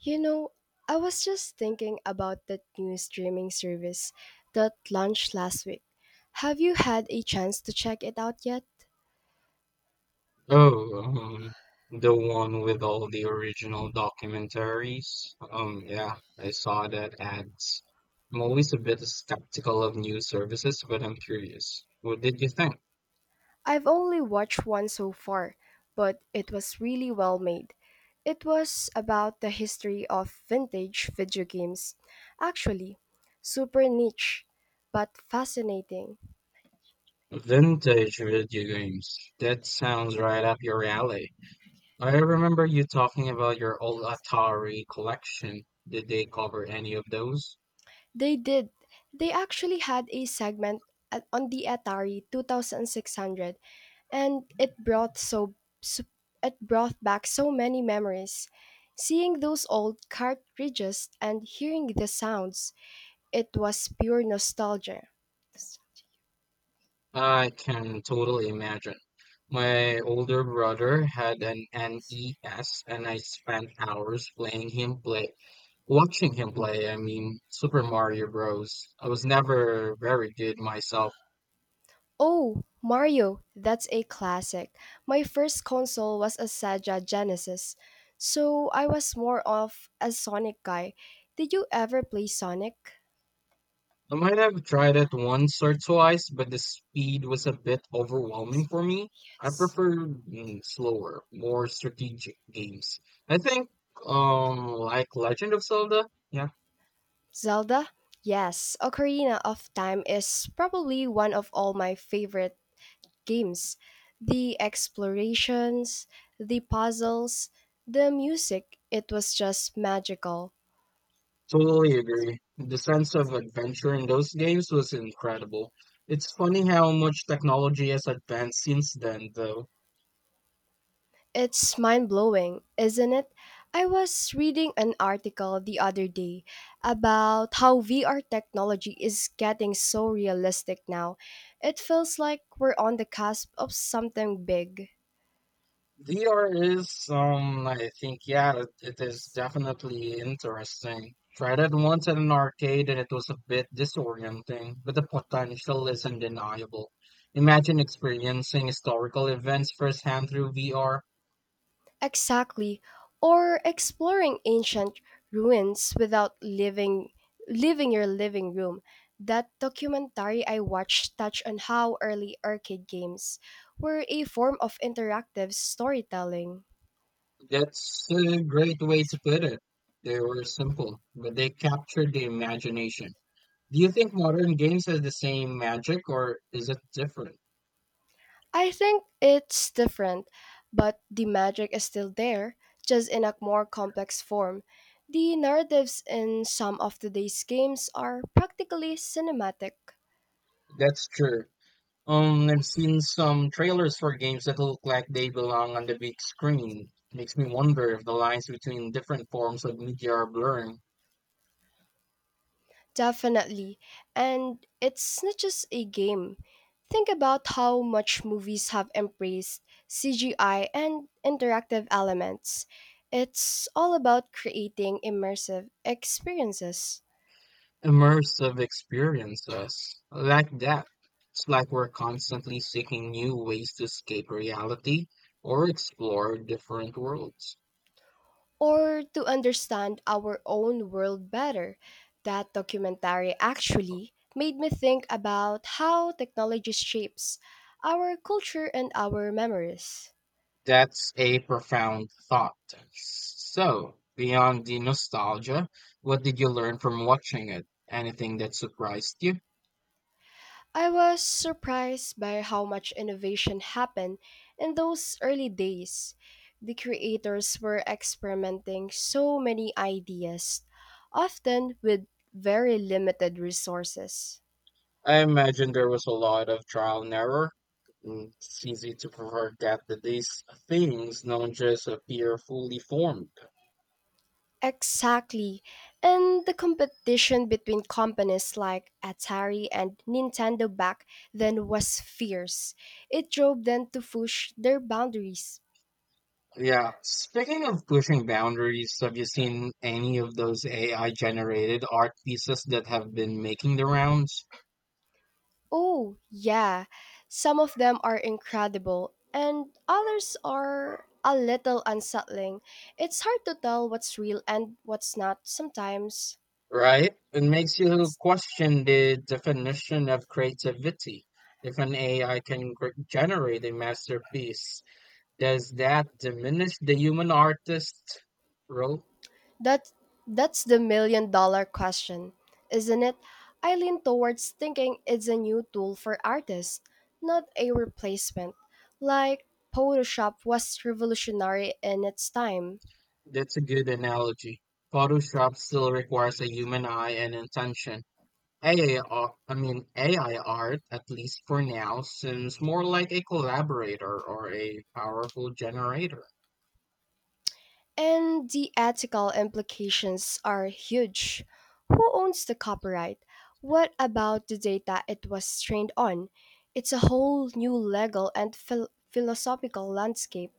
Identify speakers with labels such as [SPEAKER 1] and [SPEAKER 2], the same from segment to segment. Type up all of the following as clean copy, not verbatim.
[SPEAKER 1] You know, I was just thinking about that new streaming service that launched last week. Have you had a chance to check it out yet?
[SPEAKER 2] Oh, the one with all the original documentaries. Yeah, I saw that ads. I'm always a bit skeptical of new services, but I'm curious. What did you think?
[SPEAKER 1] I've only watched one so far, but it was really well made. It was about the history of vintage video games. Actually, super niche, but fascinating.
[SPEAKER 2] Vintage video games. That sounds right up your alley. I remember you talking about your old Atari collection. Did they cover any of those?
[SPEAKER 1] They did. They actually had a segment on the Atari 2600, and it brought so it brought back so many memories. Seeing those old cartridges and hearing the sounds, it was pure nostalgia.
[SPEAKER 2] I can totally imagine. My older brother had an NES and I spent hours watching him play, I mean, Super Mario Bros. I was never very good myself.
[SPEAKER 1] Oh, Mario, that's a classic. My first console was a Sega Genesis, so I was more of a Sonic guy. Did you ever play Sonic?
[SPEAKER 2] I might have tried it once or twice, but the speed was a bit overwhelming for me. I
[SPEAKER 1] Yes.
[SPEAKER 2] prefer slower, more strategic games. I think, like Legend of Zelda, yeah.
[SPEAKER 1] Zelda? Yes, Ocarina of Time is probably one of all my favorite games, the explorations, the puzzles, the music, it was just magical.
[SPEAKER 2] Totally agree. The sense of adventure in those games was incredible. It's funny how much technology has advanced since then, though.
[SPEAKER 1] It's mind blowing, isn't it? I was reading an article the other day about how VR technology is getting so realistic now. It feels like we're on the cusp of something big.
[SPEAKER 2] VR is, I think, yeah, it is definitely interesting. Tried it once at an arcade and it was a bit disorienting, but the potential is undeniable. Imagine experiencing historical events firsthand through VR.
[SPEAKER 1] Exactly. Or exploring ancient ruins without leaving your living room. That documentary I watched touched on how early arcade games were a form of interactive storytelling.
[SPEAKER 2] That's a great way to put it. They were simple, but they captured the imagination. Do you think modern games have the same magic or is it different?
[SPEAKER 1] I think it's different, but the magic is still there, just in a more complex form. The narratives in some of today's games are practically cinematic.
[SPEAKER 2] That's true. I've seen some trailers for games that look like they belong on the big screen. Makes me wonder if the lines between different forms of media are blurring.
[SPEAKER 1] Definitely. And it's not just a game. Think about how much movies have embraced CGI and interactive elements. It's all about creating immersive experiences.
[SPEAKER 2] Immersive experiences like that. It's like we're constantly seeking new ways to escape reality or explore different worlds.
[SPEAKER 1] Or to understand our own world better, that documentary actually made me think about how technology shapes our culture and our memories.
[SPEAKER 2] That's a profound thought. So, beyond the nostalgia, what did you learn from watching it? Anything that surprised you?
[SPEAKER 1] I was surprised by how much innovation happened in those early days. The creators were experimenting so many ideas, often with very limited resources.
[SPEAKER 2] I imagine there was a lot of trial and error. It's easy to forget that these things don't just appear fully formed.
[SPEAKER 1] Exactly. And the competition between companies like Atari and Nintendo back then was fierce. It drove them to push their boundaries.
[SPEAKER 2] Yeah. Speaking of pushing boundaries, have you seen any of those AI generated art pieces that have been making the rounds?
[SPEAKER 1] Oh, yeah. Some of them are incredible, and others are a little unsettling. It's hard to tell what's real and what's not sometimes.
[SPEAKER 2] Right? It makes you question the definition of creativity. If an AI can generate a masterpiece, does that diminish the human artist role?
[SPEAKER 1] That that's the million-dollar question, isn't it? I lean towards thinking it's a new tool for artists, not a replacement. Like Photoshop was revolutionary in its time.
[SPEAKER 2] That's a good analogy. Photoshop still requires a human eye and intention. AI, ar- I mean AI art, at least for now, seems more like a collaborator or a powerful generator.
[SPEAKER 1] And the ethical implications are huge. Who owns the copyright? What about the data it was trained on? It's a whole new legal and philosophical landscape.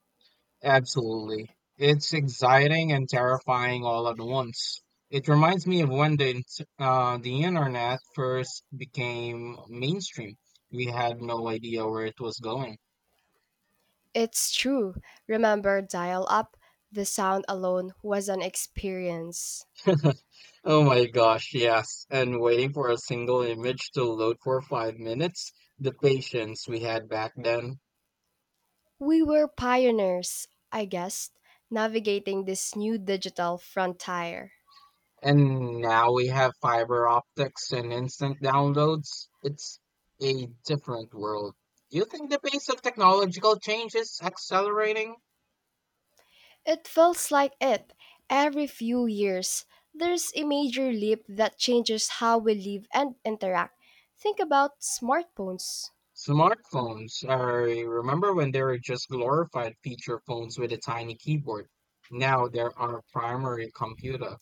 [SPEAKER 2] Absolutely. It's exciting and terrifying all at once. It reminds me of when the internet first became mainstream. We had no idea where it was going.
[SPEAKER 1] It's true. Remember dial up? The sound alone was an experience.
[SPEAKER 2] Oh my gosh, yes. And waiting for a single image to load for five minutes, the patience we had back then.
[SPEAKER 1] We were pioneers, I guess, navigating this new digital frontier.
[SPEAKER 2] And now we have fiber optics and instant downloads. It's a different world. Do you think the pace of technological change is accelerating?
[SPEAKER 1] It feels like it. Every few years, there's a major leap that changes how we live and interact. Think about smartphones
[SPEAKER 2] Smartphones. I remember when they were just glorified feature phones with a tiny keyboard. Now they're our primary computer.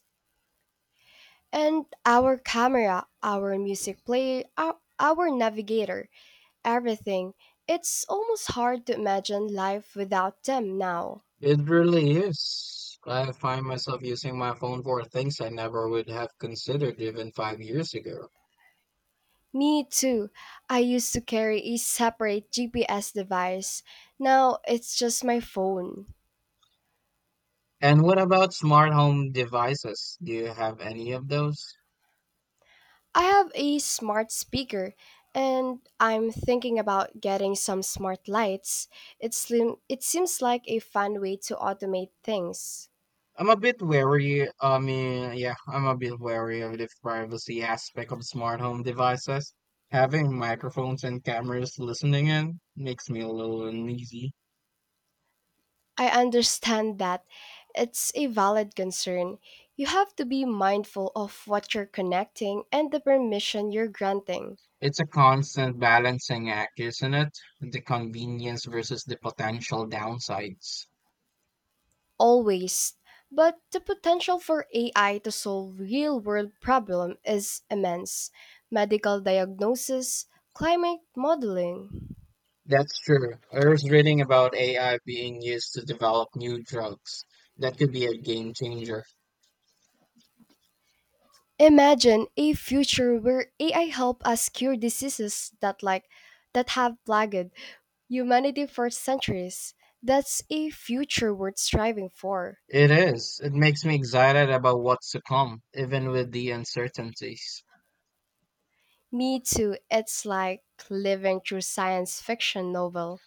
[SPEAKER 1] and our camera, our music play, our navigator, everything. It's almost hard to imagine life without them now.
[SPEAKER 2] It really is. I find myself using my phone for things I never would have considered even five years ago.
[SPEAKER 1] Me too. I used to carry a separate GPS device. Now it's just my phone.
[SPEAKER 2] And what about smart home devices? Do you have any of those?
[SPEAKER 1] I have a smart speaker and I'm thinking about getting some smart lights. It seems like a fun way to automate things.
[SPEAKER 2] I'm a bit wary. I mean, yeah, I'm a bit wary of the privacy aspect of smart home devices. Having microphones and cameras listening in makes me a little uneasy.
[SPEAKER 1] I understand that. It's a valid concern. You have to be mindful of what you're connecting and the permission you're granting.
[SPEAKER 2] It's a constant balancing act, isn't it? The convenience versus the potential downsides.
[SPEAKER 1] Always. But the potential for AI to solve real world problem is immense. Medical diagnosis, climate modeling.
[SPEAKER 2] That's true. I was reading about AI being used to develop new drugs. That could be a game changer.
[SPEAKER 1] Imagine a future where AI help us cure diseases that have plagued humanity for centuries. That's a future worth striving for.
[SPEAKER 2] It is. It makes me excited about what's to come, even with the uncertainties.
[SPEAKER 1] Me too. It's like living through science fiction novel.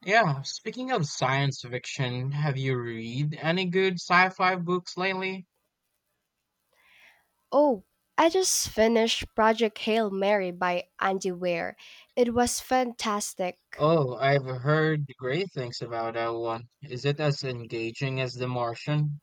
[SPEAKER 2] Yeah, speaking of science fiction, have you read any good sci-fi books lately?
[SPEAKER 1] Oh, I just finished Project Hail Mary by Andy Weir. It was fantastic.
[SPEAKER 2] Oh, I've heard great things about that one. Is it as engaging as The Martian?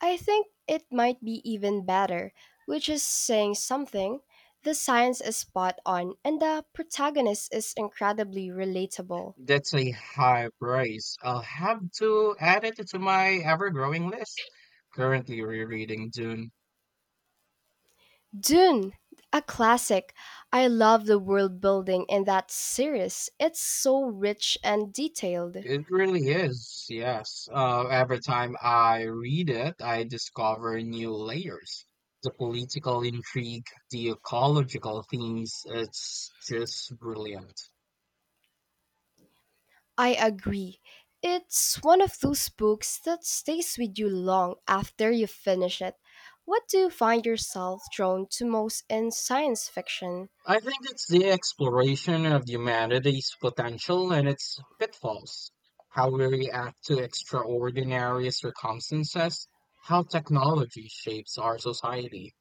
[SPEAKER 1] I think it might be even better, which is saying something. The science is spot on, and the protagonist is incredibly relatable.
[SPEAKER 2] That's a high praise. I'll have to add it to my ever-growing list. Currently rereading Dune.
[SPEAKER 1] Dune, a classic. I love the world building in that series. It's so rich and detailed.
[SPEAKER 2] It really is, yes. Every time I read it, I discover new layers. The political intrigue, the ecological themes, it's just brilliant.
[SPEAKER 1] I agree. It's one of those books that stays with you long after you finish it. What do you find yourself drawn to most in science fiction?
[SPEAKER 2] I think it's the exploration of humanity's potential and its pitfalls, how we react to extraordinary circumstances, how technology shapes our society.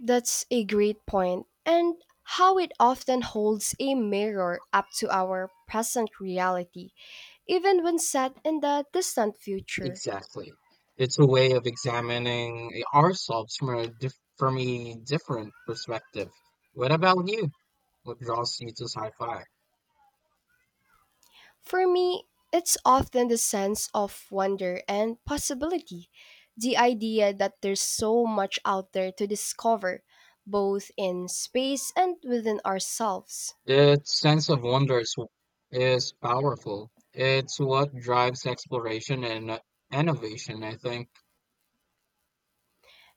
[SPEAKER 1] That's a great point, and how it often holds a mirror up to our present reality, even when set in the distant future.
[SPEAKER 2] Exactly. It's a way of examining ourselves from a diff from a different perspective. What about you? What draws you to sci-fi?
[SPEAKER 1] For me, it's often the sense of wonder and possibility, the idea that there's so much out there to discover, both in space and within ourselves.
[SPEAKER 2] That sense of wonder is powerful. It's what drives exploration and innovation, I think.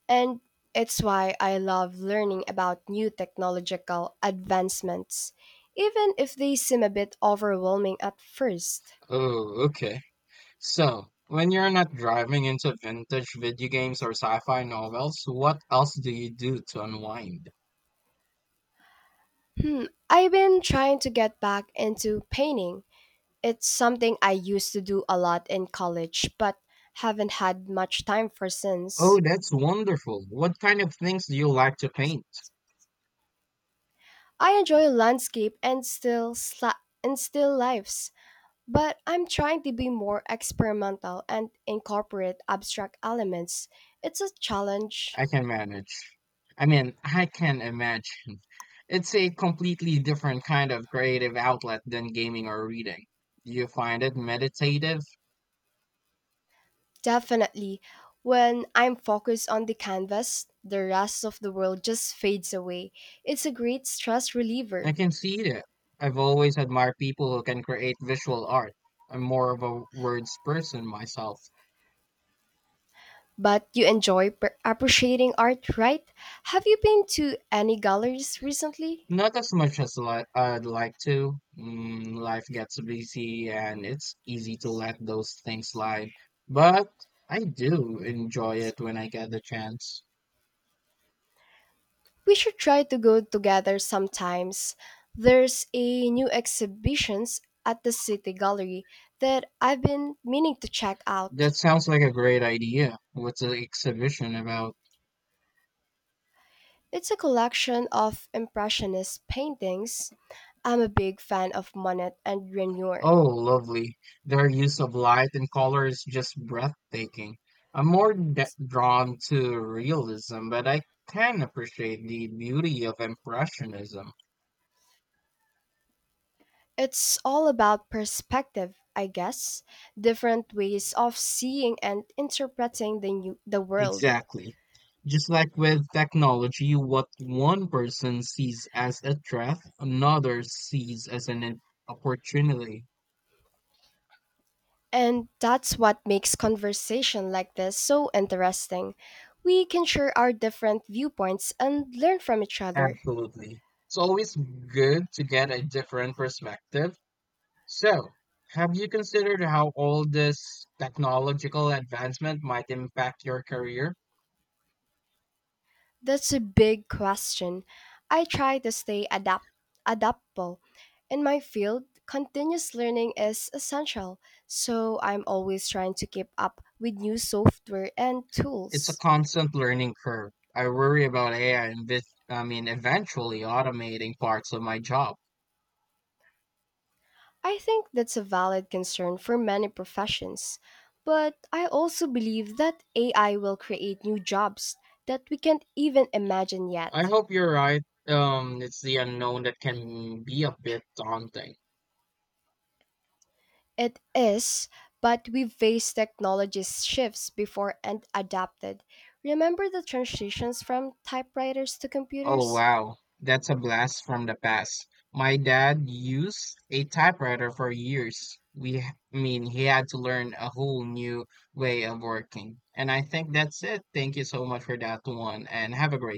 [SPEAKER 1] And it's why I love learning about new technological advancements, even if they seem a bit overwhelming at first.
[SPEAKER 2] Oh, okay. So, when you're not driving into vintage video games or sci-fi novels, what else do you do to unwind?
[SPEAKER 1] Hmm, I've been trying to get back into painting. It's something I used to do a lot in college, but haven't had much time for since.
[SPEAKER 2] Oh, that's wonderful. What kind of things do you like to paint?
[SPEAKER 1] I enjoy landscape and still lives, but I'm trying to be more experimental and incorporate abstract elements. It's a challenge.
[SPEAKER 2] I can manage. I mean, I can imagine. It's a completely different kind of creative outlet than gaming or reading. Do you find it meditative?
[SPEAKER 1] Definitely. When I'm focused on the canvas, the rest of the world just fades away. It's a great stress
[SPEAKER 2] I
[SPEAKER 1] reliever.
[SPEAKER 2] can see that. I've always admired people who can create visual art. I'm more of a words person myself.
[SPEAKER 1] But you enjoy appreciating art, right? Have you been to any galleries recently?
[SPEAKER 2] Not as much as I'd like to. Life gets busy and it's easy to let those things slide. But I do enjoy it when I get the chance.
[SPEAKER 1] We should try to go together sometimes. There's a new exhibitions at the City Gallery that I've been meaning to check out.
[SPEAKER 2] That sounds like a great idea. What's the exhibition about?
[SPEAKER 1] It's a collection of impressionist paintings. I'm a big fan of Monet and Renoir.
[SPEAKER 2] Oh, lovely. Their use of light and color is just breathtaking. I'm more d drawn to realism, but I can appreciate the beauty of impressionism.
[SPEAKER 1] It's all about perspective, I guess, different ways of seeing and interpreting the world.
[SPEAKER 2] Exactly. Just like with technology, what one person sees as a threat, another sees as an opportunity.
[SPEAKER 1] And that's what makes conversation like this so interesting. We can share our different viewpoints and learn from each other.
[SPEAKER 2] Absolutely. It's always good to get a different perspective. So, have you considered how all this technological advancement might impact your career?
[SPEAKER 1] That's a big question. I try to stay adaptable. In my field, continuous learning is essential, so I'm always trying to keep up with new software and
[SPEAKER 2] It's a
[SPEAKER 1] tools.
[SPEAKER 2] constant learning curve. I worry about I mean, eventually automating parts of my job.
[SPEAKER 1] I think that's a valid concern for many professions, but I also believe that AI will create new jobs that we can't even imagine
[SPEAKER 2] I
[SPEAKER 1] yet.
[SPEAKER 2] hope you're right. It's the unknown that can be a bit daunting.
[SPEAKER 1] It is, but we've faced technology shifts before and adapted. Remember the transitions from typewriters to
[SPEAKER 2] Oh
[SPEAKER 1] computers?
[SPEAKER 2] wow, that's a blast from the past. My dad used a typewriter for years. I mean, he had to learn a whole new way of working. And I think that's it. Thank you so much for that one, and have a great